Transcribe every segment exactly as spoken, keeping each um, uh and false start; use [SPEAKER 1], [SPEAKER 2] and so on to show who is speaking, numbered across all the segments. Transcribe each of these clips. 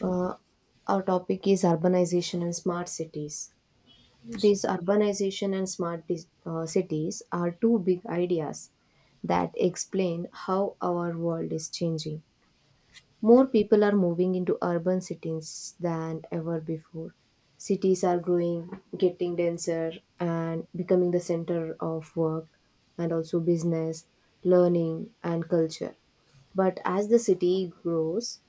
[SPEAKER 1] Uh, our topic is urbanization and smart cities.
[SPEAKER 2] Yes.
[SPEAKER 1] These urbanization and smart dis- uh, cities are two big ideas that explain how our world is changing. More people are moving into urban cities than ever before. Cities are growing, getting denser, and becoming the center of work and also business, learning, and culture. But as the city grows,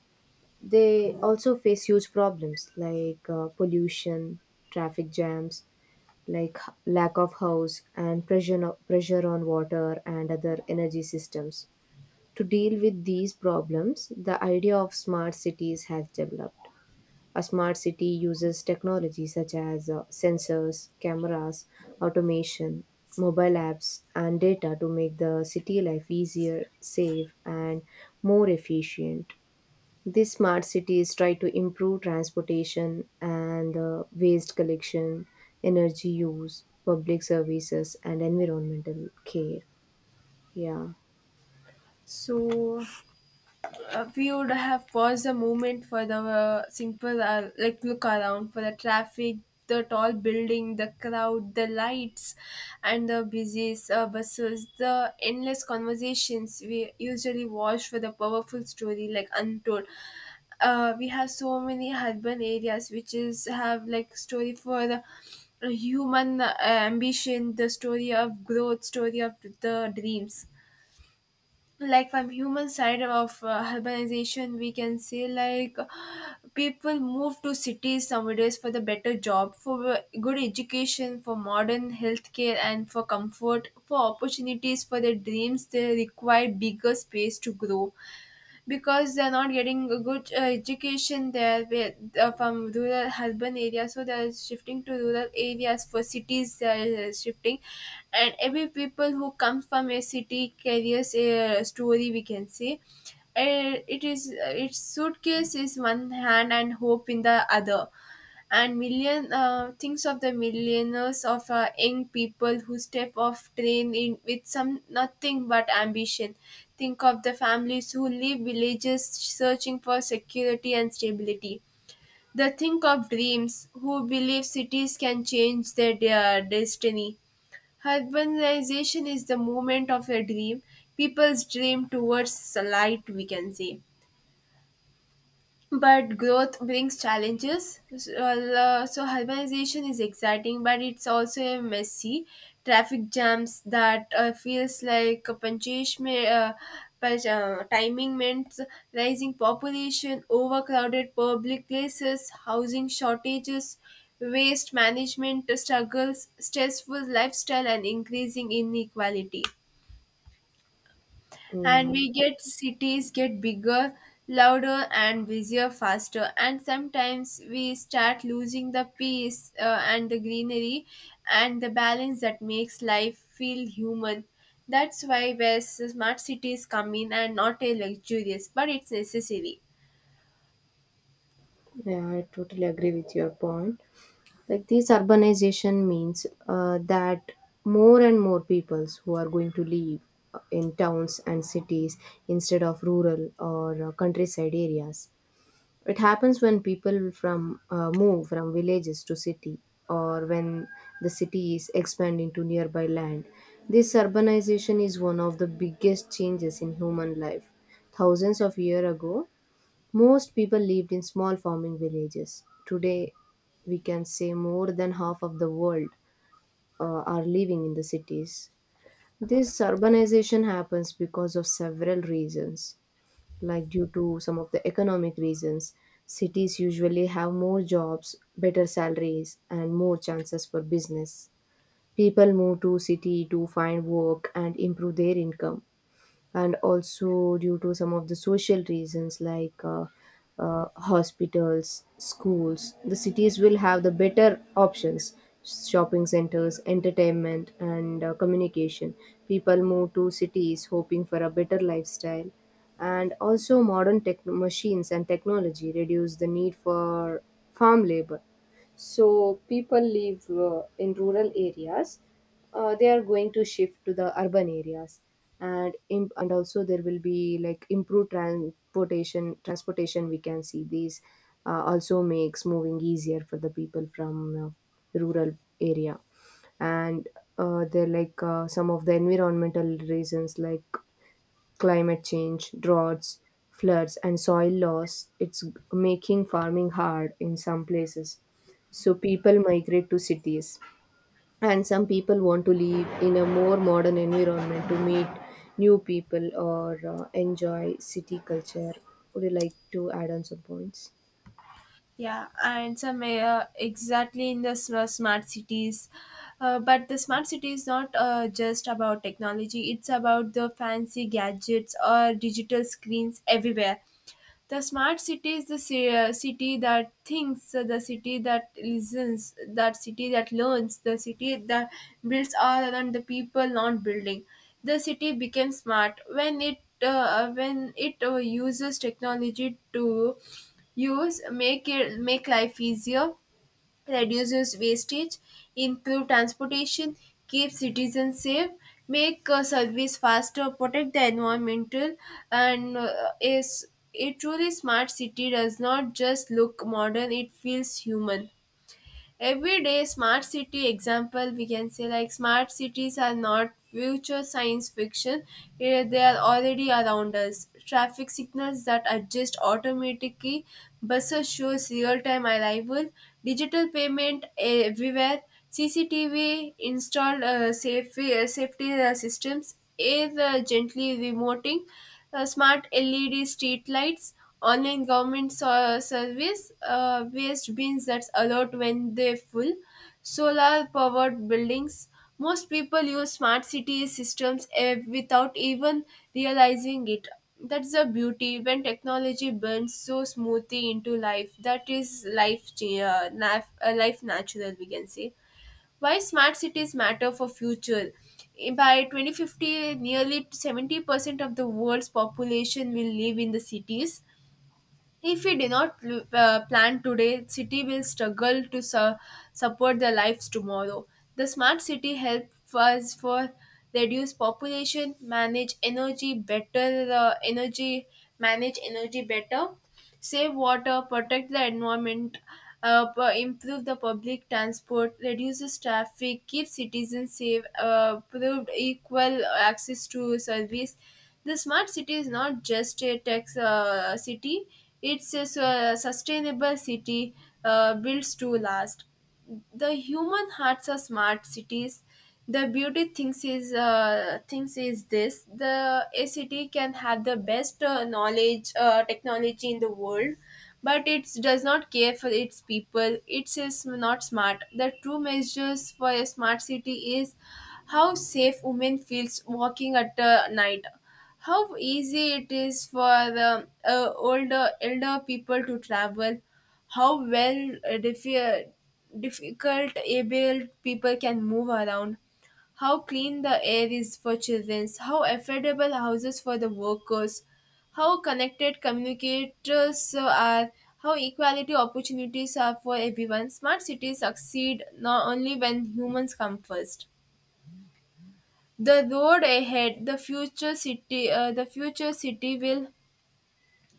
[SPEAKER 1] they also face huge problems like uh, pollution, traffic jams, like h- lack of house and pressure no- pressure on water and other energy systems. To deal with these problems, the idea of smart cities has developed. A smart city uses technology such as uh, sensors, cameras, automation, mobile apps, and data to make the city life easier, safe, and more efficient. These smart cities try to improve transportation and uh, waste collection, energy use, public services, and environmental care. Yeah,
[SPEAKER 2] So uh, we would have paused the moment for the uh, simple uh, like look around for the traffic, the tall building, the crowd, the lights, and the busy uh, buses, the endless conversations we usually watch for the powerful story like untold. Uh, we have so many urban areas which is have like story for the uh, human uh, ambition, the story of growth, story of the dreams. Like from human side of uh, urbanization we can say like people move to cities nowadays for the better job for uh, good education for modern healthcare and for comfort for opportunities for their dreams they require bigger space to grow because they're not getting a good uh, education there where, uh, from rural urban areas so they're shifting to rural areas for cities they're uh, shifting and every people who comes from a city carries a story we can say uh, it is uh, its suitcase is one hand and hope in the other and million uh, thinks of the millionaires of uh, young people who step off train in with some nothing but ambition. Think of the families who leave villages searching for security and stability, the think of dreams who believe cities can change their, their destiny. Urbanization is the movement of a dream, people's dream towards light we can say, but growth brings challenges. So, uh, so urbanization is exciting, but it's also messy. Traffic jams that uh, feels like a punishment, uh, punch- uh, timing meant, rising population, overcrowded public places, housing shortages, waste management struggles, stressful lifestyle, and increasing inequality.
[SPEAKER 1] yeah,
[SPEAKER 2] And we get cities get bigger, louder and busier faster, and sometimes we start losing the peace uh, and the greenery and the balance that makes life feel human. That's why where s- smart cities come in, and not a luxurious but it's necessary.
[SPEAKER 1] yeah, I totally agree with your point. Like, this urbanization means uh, that more and more peoples who are going to live uh, in towns and cities instead of rural or uh, countryside areas. It happens when people from uh, move from villages to city, or when the city is expanding to nearby land. This urbanization is one of the biggest changes in human life. Thousands of years ago, most people lived in small farming villages. Today, we can say more than half of the world uh, are living in the cities. This urbanization happens because of several reasons, like due to some of the economic reasons. Cities usually have more jobs, better salaries, and more chances for business. People move to city to find work and improve their income, and also due to some of the social reasons like uh, uh, hospitals, schools. The cities will have the better options, shopping centers, entertainment, and uh, communication. People move to cities hoping for a better lifestyle. And also, modern tech- machines and technology reduce the need for farm labor, so people live uh, in rural areas. Uh, they are going to shift to the urban areas, and im- and also there will be like improved transportation transportation we can see. These uh, also makes moving easier for the people from uh, rural area, and uh, they're like uh, some of the environmental reasons like climate change, droughts, floods, and soil loss, it's making farming hard in some places. So people migrate to cities, and some people want to live in a more modern environment to meet new people or uh, enjoy city culture. Would you like to add on some points?
[SPEAKER 2] Yeah, and some uh, exactly in the s- uh, smart cities. Uh, but the smart city is not uh, just about technology, it's about the fancy gadgets or digital screens everywhere. The smart city is the ci- uh, city that thinks, uh, the city that listens, that city that learns, the city that builds all around the people not building. The city becomes smart when it uh, when it uh, uses technology to use make it make life easier, reduces wastage, improve transportation, keep citizens safe, make uh, service faster, protect the environmental, and uh, is a truly smart city does not just look modern; it feels human. Everyday smart city example we can say like smart cities are not future science fiction, eh, they are already around us. Traffic signals that adjust automatically, buses shows real-time arrival, digital payment everywhere, cctv installed uh, safety, uh, safety uh, systems, air uh, gently remoting, uh, smart L E D street lights, online government so- uh, service, uh, waste bins that's alert when they're full, solar powered buildings. Most people use smart city systems eh, without even realizing it. That's the beauty when technology burns so smoothly into life. That is life, cha- uh, life, uh, life natural, we can say. Why smart cities matter for future: by twenty fifty nearly seventy percent of the world's population will live in the cities. If we do not pl- uh, plan today, city will struggle to su- support their lives tomorrow. The smart city helps us for reduce population, manage energy better, uh, energy manage energy better, save water, protect the environment, uh, p- improve the public transport, reduces traffic, keep citizens safe, uh, provide equal access to service. The smart city is not just a tech uh, city; it's a su- sustainable city uh, built to last. The human hearts are smart cities. The beauty thinks is uh, thinks is this: the a city can have the best uh, knowledge, uh, technology in the world, but it does not care for its people. It is not smart. The true measures for a smart city is how safe women feels walking at uh, night, how easy it is for the uh, older elder people to travel, how well uh, diffi- difficult able people can move around, how clean the air is for children, how affordable houses for the workers, how connected communicators are, how equality opportunities are for everyone. Smart cities succeed not only when humans come first. The road ahead, the future city, uh, the future city will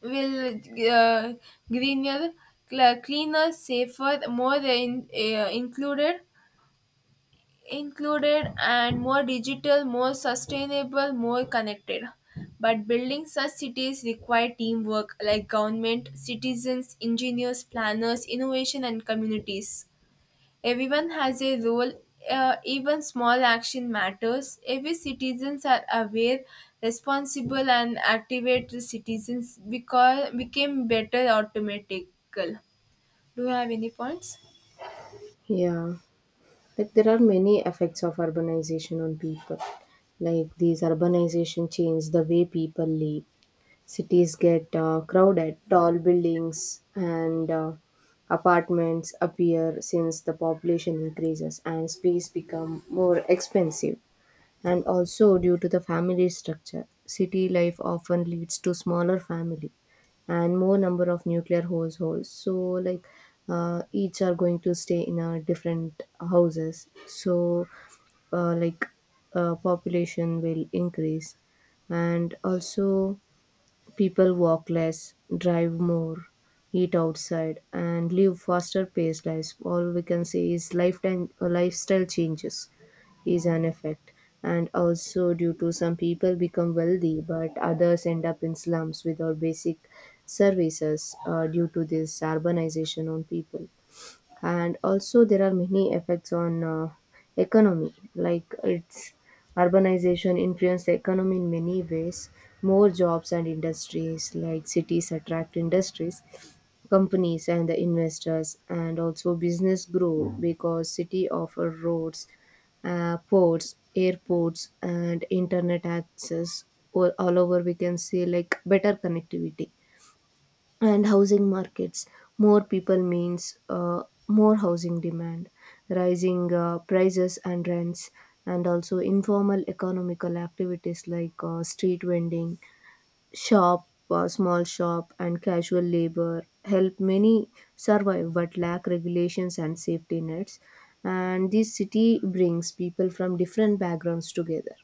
[SPEAKER 2] will uh, greener, cl- cleaner, safer, more in, uh, included, included, and more digital, more sustainable, more connected. But building such cities require teamwork, like government, citizens, engineers, planners, innovation, and communities. Everyone has a role, uh, even small action matters. Every citizens are aware, responsible, and activate the citizens because became better automatical. Do you have any points?
[SPEAKER 1] Yeah, like there are many effects of urbanization on people. Like these urbanization change the way people live. Cities get uh, crowded, tall buildings and uh, apartments appear since the population increases and space become more expensive. And also due to the family structure, city life often leads to smaller family and more number of nuclear households. So like uh, each are going to stay in a different houses. So uh, like uh, population will increase, and also people walk less, drive more, eat outside, and live faster paced lives. All we can say is lifetime uh, lifestyle changes is an effect. And also, due to some people become wealthy, but others end up in slums without basic services uh, due to this urbanization on people. And also there are many effects on uh, economy. Like its urbanization influenced the economy in many ways. More jobs and industries, like cities attract industries, companies, and the investors, and also business grow because city offer roads, uh, ports, airports, and internet access. All, all over we can say like better connectivity and housing markets. More people means uh, more housing demand, rising uh, prices and rents, and also informal economical activities like uh, street vending, shop uh, small shop, and casual labor help many survive, but lack regulations and safety nets. And this city brings people from different backgrounds together.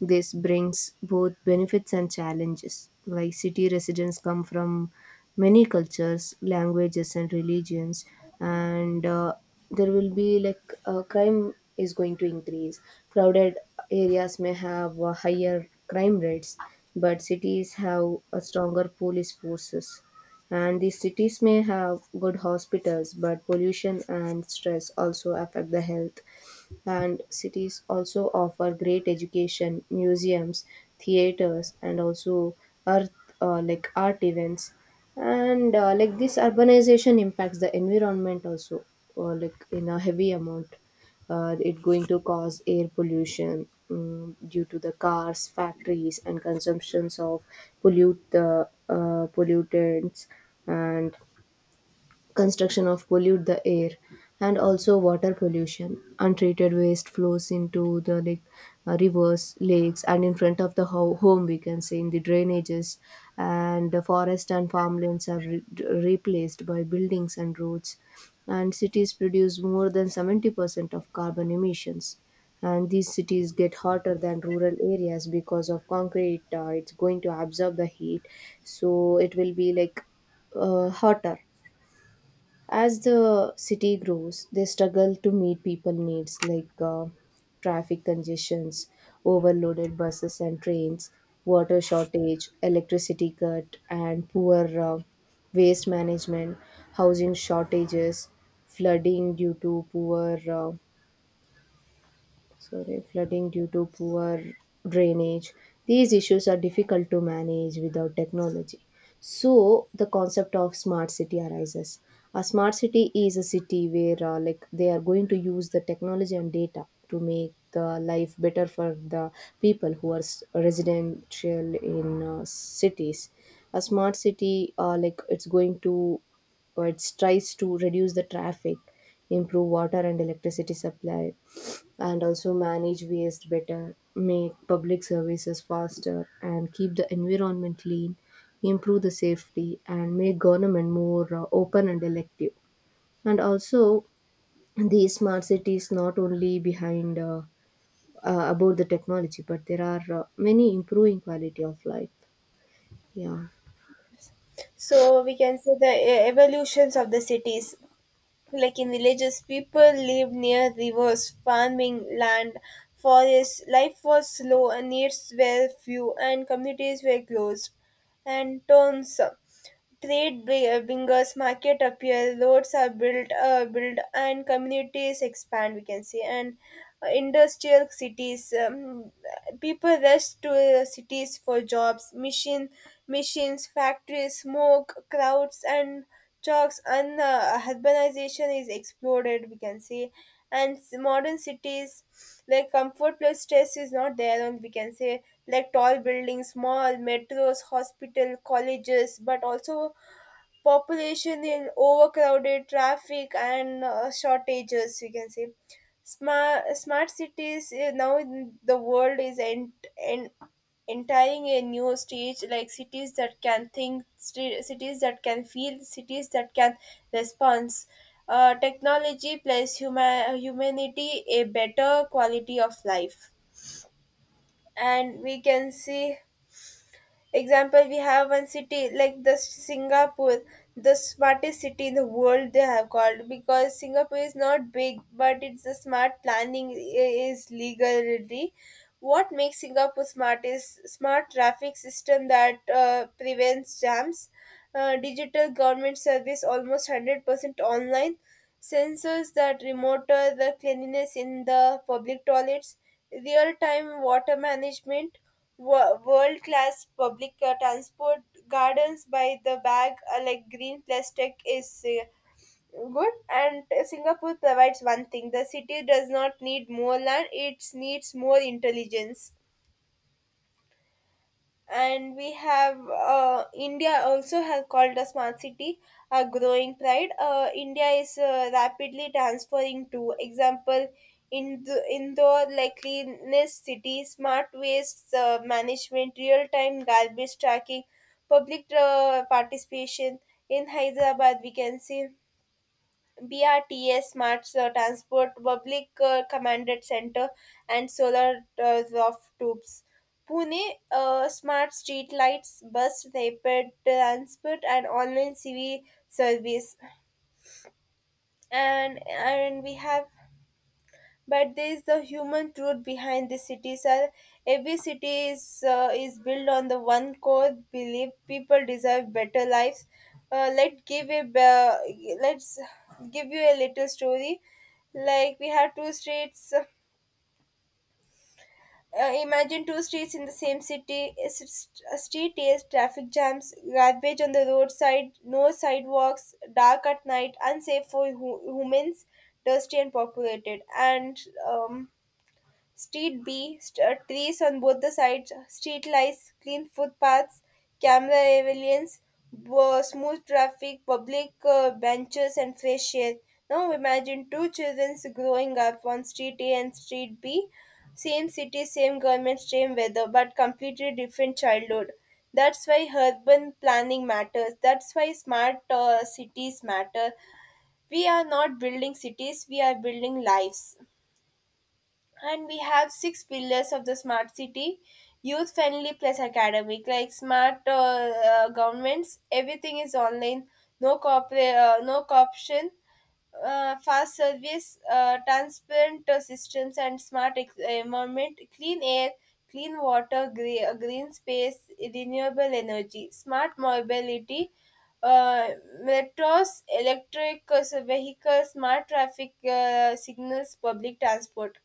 [SPEAKER 1] This brings both benefits and challenges. Like city residents come from many cultures, languages, and religions, and uh, there will be like uh, crime is going to increase. Crowded areas may have uh, higher crime rates, but cities have a stronger police forces. And these cities may have good hospitals, but pollution and stress also affect the health. And cities also offer great education, museums, theaters, and also earth uh, like art events. And uh, like this urbanization impacts the environment also, uh, like in a heavy amount. Uh, it going to cause air pollution um, due to the cars, factories, and consumptions of pollute the uh, pollutants, and construction of pollute the air. And also water pollution, untreated waste flows into the like uh, rivers, lakes, and in front of the ho- home we can say, in the drainages. And the forest and farmlands are re- replaced by buildings and roads. And cities produce more than seventy percent of carbon emissions. And these cities get hotter than rural areas because of concrete uh, it's going to absorb the heat, so it will be like uh, hotter. As the city grows, they struggle to meet people needs, like uh, traffic congestions, overloaded buses and trains, water shortage, electricity cut, and poor uh, waste management, housing shortages, flooding due to poor uh, sorry, flooding due to poor drainage. These issues are difficult to manage without technology. So the concept of smart city arises. A smart city is a city where uh, like they are going to use the technology and data to make the life better for the people who are s- residential in uh, cities. A smart city uh, like it's going to or it tries to reduce the traffic, improve water and electricity supply, and also manage waste better, make public services faster, and keep the environment clean, improve the safety, and make government more uh, open and elective. And also, these smart cities not only behind uh, uh, about the technology, but there are uh, many improving quality of life. Yeah.
[SPEAKER 2] So we can say the e- evolutions of the cities. Like in villages, people lived near rivers, farming, land, forests. Life was slow and needs were few, and communities were closed. And towns, trade bri- uh, bringers, market appear, roads are built, uh, built, and communities expand, we can say. And uh, industrial cities. Um, people rush to uh, cities for jobs, machine, machines, factories, smoke, crowds, and Chalks, and uh, urbanization is exploded, we can say. And s- modern cities like comfort plus stress is not there. And we can say like tall buildings, mall, metros, hospital, colleges, but also population in overcrowded traffic and uh, shortages we can say. Smart smart cities uh, now in the world is ent- en- entering a new stage, like cities that can think sti- cities that can feel, cities that can respond, uh, technology plus huma- humanity, a better quality of life, and we can see. Example, we have one city like the Singapore, the smartest city in the world they have called, because Singapore is not big, but it's the smart planning i- is legality. What makes Singapore smart is smart traffic system that uh, prevents jams, uh, digital government service almost one hundred percent online, sensors that monitor the cleanliness in the public toilets, real-time water management, wo- world-class public uh, transport, gardens by the bag, uh, like green plastic is uh, good. And Singapore provides one thing: the city does not need more land; it needs more intelligence. And we have uh, india also has called a smart city, a growing pride. Uh, india is uh, rapidly transferring to example, in the indoor like cleanness city, smart waste uh, management, real time garbage tracking, public uh, participation. In hyderabad we can see B R T S smart uh, Transport Public uh, Commanded Center and solar uh, of tubes. Pune uh, smart street lights, bus rapid transport, and online C V service. And and we have, but there is the human truth behind the cities are every city is uh, is built on the one core belief people deserve better lives. uh, let give a uh, let's give you a little story, like we have two streets. Uh, imagine two streets in the same city, a s- a street is traffic jams, garbage on the roadside, no sidewalks, dark at night, unsafe for hu- humans, dusty and populated. And um, Street B, st- trees on both the sides, street lights, clean footpaths, camera surveillance, bo- smooth traffic, public uh, benches, and fresh air. Now imagine two children growing up on Street A and Street B, same city, same government, same weather, but completely different childhood. That's why urban planning matters. That's why smart uh, cities matter. We are not building cities, we are building lives. And we have six pillars of the smart city: youth friendly plus academic, like smart uh, uh, governments, everything is online, no, corpora- uh, no corruption, uh, fast service, uh, transparent uh, systems, and smart ex- uh, environment, clean air, clean water, gre- uh, green space, renewable energy, smart mobility, uh, metros, electric uh, vehicles, smart traffic uh, signals, public transport,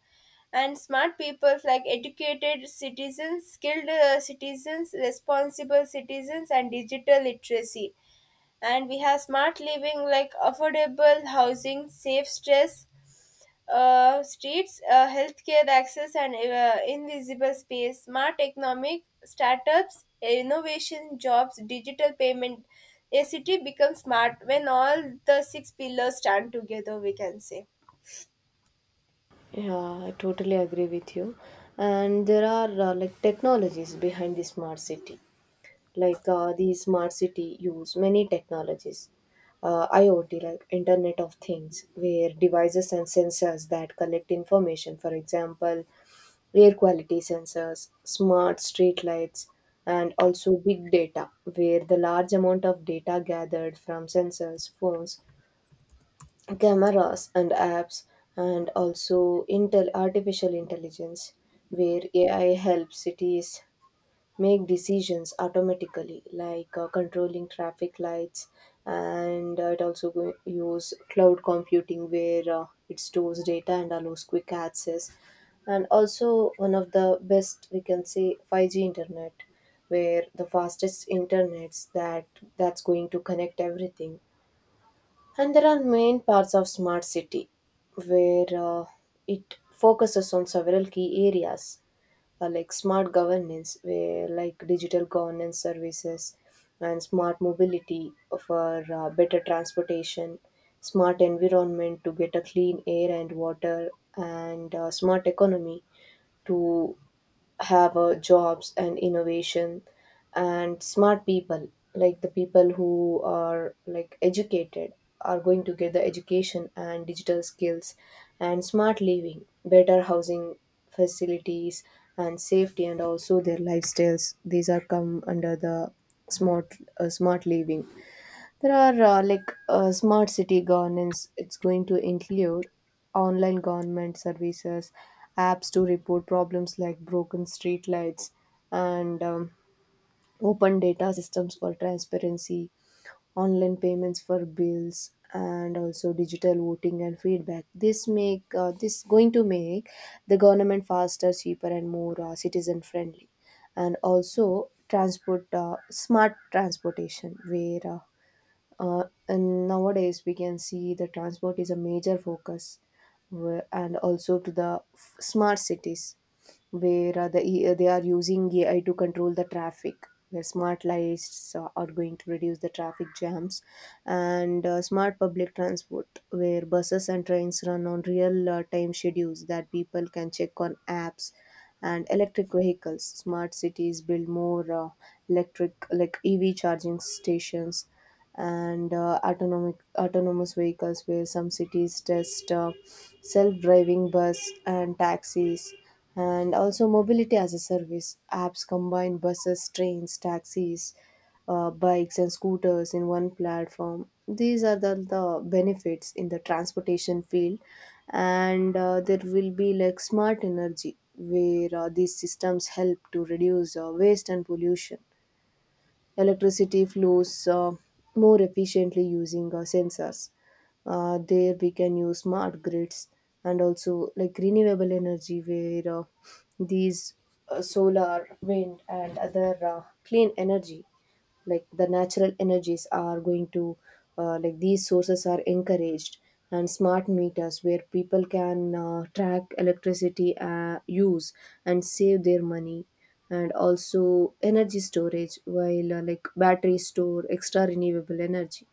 [SPEAKER 2] and smart people like educated citizens, skilled uh, citizens, responsible citizens, and digital literacy. And we have smart living like affordable housing, safe stress uh, streets, uh, healthcare access, and uh, invisible space, smart economic startups, innovation, jobs, digital payment. A city becomes smart when all the six pillars stand together, we can say.
[SPEAKER 1] Yeah, I totally agree with you. And there are uh, like technologies behind the smart city. Like uh, the smart city use many technologies, uh, iot like internet of things, where devices and sensors that collect information, for example, air quality sensors, smart street lights. And also big data, where the large amount of data gathered from sensors, phones, cameras, and apps. And also intel artificial intelligence, where ai helps cities make decisions automatically, like uh, controlling traffic lights. And uh, it also go- use cloud computing, where uh, it stores data and allows quick access. And also one of the best we can say, five g internet, where the fastest internets that that's going to connect everything. And there are main parts of smart city where uh, it focuses on several key areas, uh, like smart governance where like digital governance services, and smart mobility for uh, better transportation, smart environment to get a clean air and water, and uh, smart economy to have uh, jobs and innovation, and smart people, like the people who are like educated are going to get the education and digital skills, and smart living, better housing facilities and safety, and also their lifestyles, these are come under the smart uh, smart living. There are uh, like uh, smart city governance. It's going to include online government services, apps to report problems like broken street lights, and um, open data systems for transparency, online payments for bills, and also digital voting and feedback. This make uh, this going to make the government faster, cheaper, and more uh, citizen friendly. And also transport uh, smart transportation where. Uh, uh, and nowadays we can see the transport is a major focus where- and also to the f- smart cities, where uh, the E- uh, they are using A I to control the traffic, where smart lights uh, are going to reduce the traffic jams. And uh, smart public transport, where buses and trains run on real uh, time schedules that people can check on apps. And electric vehicles, smart cities build more uh, electric like ev charging stations. And uh, autonomic, autonomous vehicles, where some cities test uh, self-driving bus and taxis. And also mobility as a service apps combine buses, trains, taxis, uh, bikes and scooters in one platform. These are the, the benefits in the transportation field. And uh, there will be like smart energy, where uh, these systems help to reduce uh, waste and pollution. Electricity flows uh, more efficiently using uh, sensors. Uh, there we can use smart grids, and also like renewable energy where uh, these uh, solar, wind and other uh, clean energy like the natural energies are going to uh, like these sources are encouraged, and smart meters where people can uh, track electricity uh, use and save their money, and also energy storage while uh, like batteries store extra renewable energy.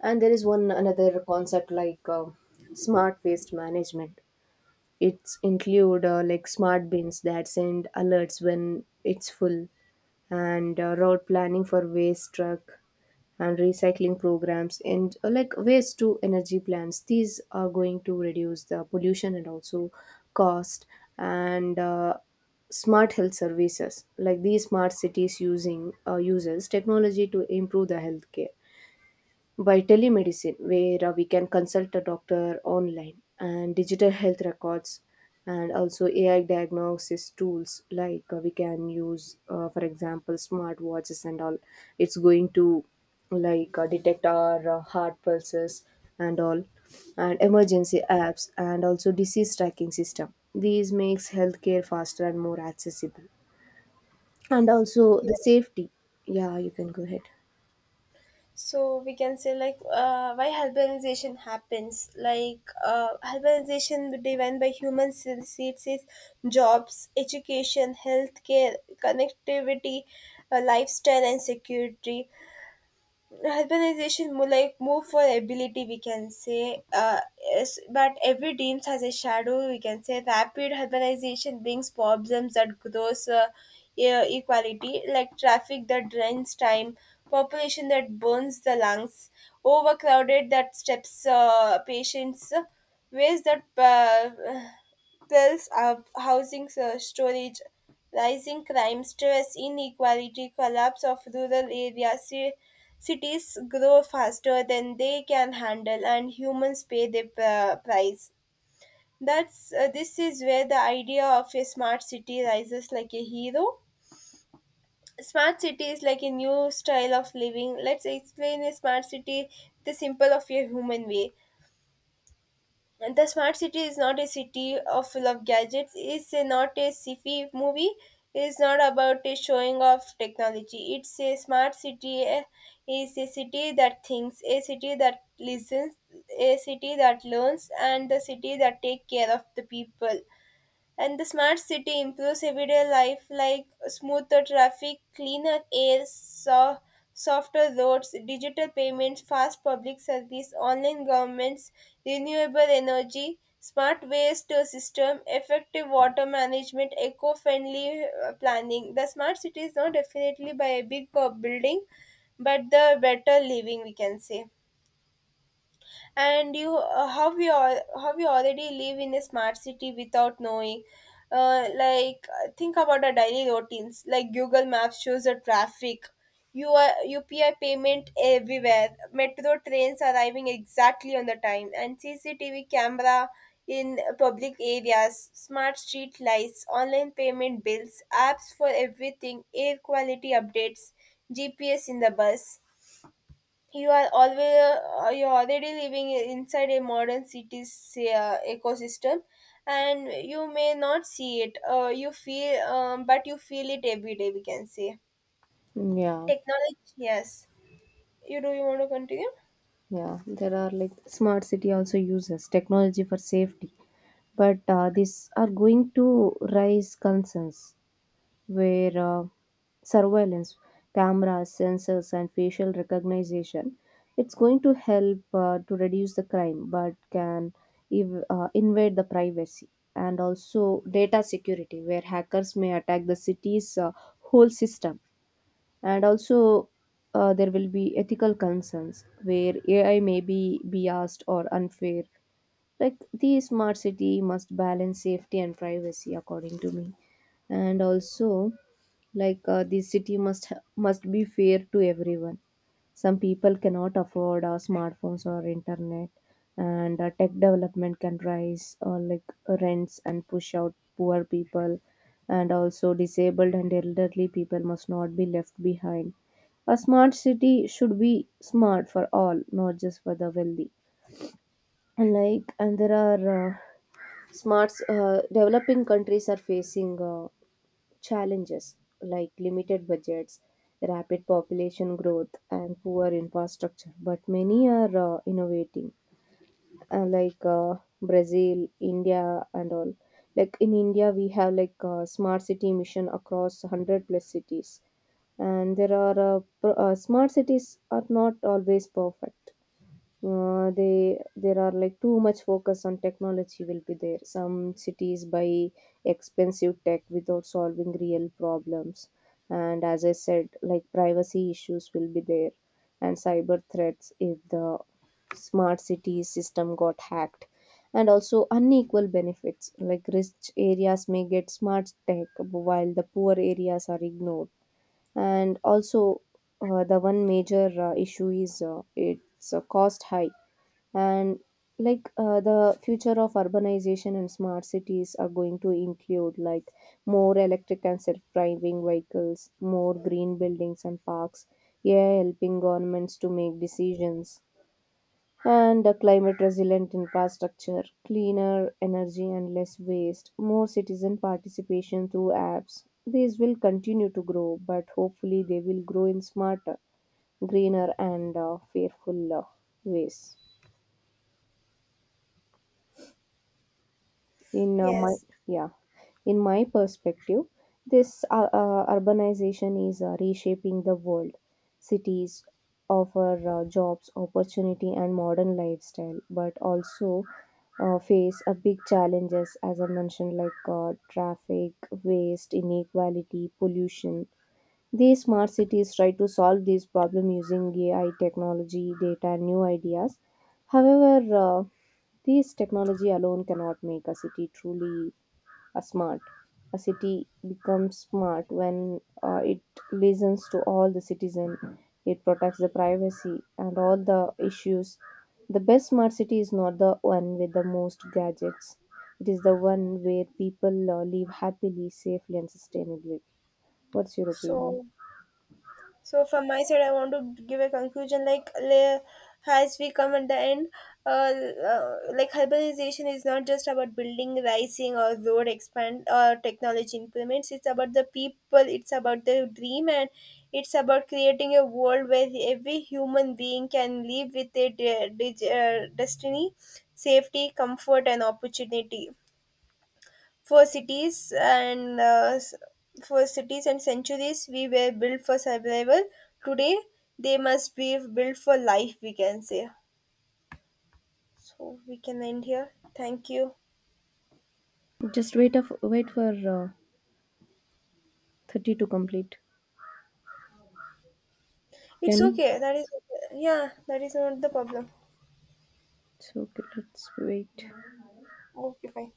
[SPEAKER 1] And there is one another concept like uh, smart waste management. It's include uh, like smart bins that send alerts when it's full, and uh, route planning for waste truck, and recycling programs, and uh, like waste to energy plants. These are going to reduce the pollution and also cost. And uh, smart health services, like these smart cities using uh, uses technology to improve the healthcare by telemedicine, where uh, we can consult a doctor online, and digital health records, and also A I diagnosis tools, like uh, we can use, uh, for example, smartwatches and all. It's going to like uh, detect our uh, heart pulses and all, and emergency apps, and also disease tracking system. These makes healthcare faster and more accessible, and also the safety. Yeah, you can go ahead.
[SPEAKER 2] So we can say like uh, why urbanization happens, like uh, urbanization driven by human seeds is jobs, education, healthcare, connectivity, uh, lifestyle, and security. Urbanization mo- like move for ability we can say, uh, yes, but every dreams has a shadow, we can say. Rapid urbanization brings problems that grows uh, e- equality, like traffic that drains time, population that burns the lungs, overcrowded that steps uh, patients, ways that uh, tells of housing uh, storage, rising crime, stress, inequality, collapse of rural areas, ci- cities grow faster than they can handle, and humans pay the pr- price. That's uh, this is where the idea of a smart city rises like a hero. Smart city is like a new style of living. Let's explain a smart city the simple of a human way. And the smart city is not a city of full of gadgets. It's a, not a sci-fi movie. It's not about a showing off technology. It's a smart city. eh, It's a city that thinks, a city that listens, a city that learns, and the city that take care of the people. And the smart city improves everyday life, like smoother traffic, cleaner air, so- softer roads, digital payments, fast public service, online governments, renewable energy, smart waste system, effective water management, eco-friendly uh, planning. The smart city is not definitely by a big uh, building, but the better living we can say. And you uh, how we all how we already live in a smart city without knowing, uh, like uh, think about our daily routines like google maps shows the traffic, you are upi payment everywhere, metro trains arriving exactly on the time, and cctv camera in public areas, smart street lights, online payment bills, apps for everything, air quality updates, gps in the bus. You are always uh, you're already living inside a modern city's uh, ecosystem. And you may not see it uh, you feel um, but you feel it every day, we can say.
[SPEAKER 1] Yeah.
[SPEAKER 2] Technology yes. You do you want to continue?
[SPEAKER 1] Yeah, there are like smart city also uses technology for safety, but uh, these are going to raise concerns where uh, surveillance, cameras, sensors, and facial recognition. It's going to help uh, to reduce the crime, but can ev- uh, invade the privacy, and also data security, where hackers may attack the city's uh, whole system. And also, uh, there will be ethical concerns where A I may be biased or unfair. Like the smart city must balance safety and privacy, according to me. And also, like uh, the city must ha- must be fair to everyone. Some people cannot afford uh, smartphones or internet, and uh, tech development can rise uh, like rents and push out poor people, and also disabled and elderly people must not be left behind. A smart city should be smart for all, not just for the wealthy. And like, and there are uh, smarts uh, developing countries are facing uh, challenges like limited budgets, rapid population growth, and poor infrastructure, but many are uh, innovating, uh, like uh, Brazil, India, and all. Like in India, we have like a smart city mission across one hundred plus cities, and there are uh, pro- uh, smart cities are not always perfect. Uh, they There are like too much focus on technology will be there. Some cities buy expensive tech without solving real problems, and as I said, like privacy issues will be there, and cyber threats if the smart city system got hacked, and also unequal benefits like rich areas may get smart tech while the poor areas are ignored. And also, uh, the one major uh, issue is uh, it's uh, cost high. And like uh, the future of urbanization and smart cities are going to include like more electric and self-driving vehicles, more green buildings and parks, yeah, helping governments to make decisions, and a climate resilient infrastructure, cleaner energy and less waste, more citizen participation through apps. These will continue to grow, but hopefully they will grow in smarter, greener, and uh, fearful uh, ways. In uh, my
[SPEAKER 2] Yes.
[SPEAKER 1] Yeah, in my perspective, this uh, uh, urbanization is uh, reshaping the world. Cities offer uh, jobs, opportunity, and modern lifestyle, but also uh, face a big challenges as I mentioned, like uh, traffic, waste, inequality, pollution. These smart cities try to solve these problems using A I technology, data, and new ideas. However, uh, these technology alone cannot make a city truly a smart. A city becomes smart when uh, it listens to all the citizens, it protects the privacy and all the issues. The best smart city is not the one with the most gadgets. It is the one where people uh, live happily, safely, and sustainably. What's your opinion?
[SPEAKER 2] So So from my side, I want to give a conclusion. Like le- as we come at the end, uh, uh, like urbanization is not just about building, rising, or road expand or technology implements. It's about the people. It's about the dream, and it's about creating a world where every human being can live with a de- de- uh, destiny, safety, comfort, and opportunity. For cities and uh, s- for cities and centuries, we were built for survival. Today, they must be built for life. We can say. So we can end here. Thank you.
[SPEAKER 1] Just wait, of, wait for uh, thirty to complete.
[SPEAKER 2] It's
[SPEAKER 1] Can you?
[SPEAKER 2] okay. That is yeah. That is not the problem.
[SPEAKER 1] It's okay, let's wait.
[SPEAKER 2] Okay. Fine.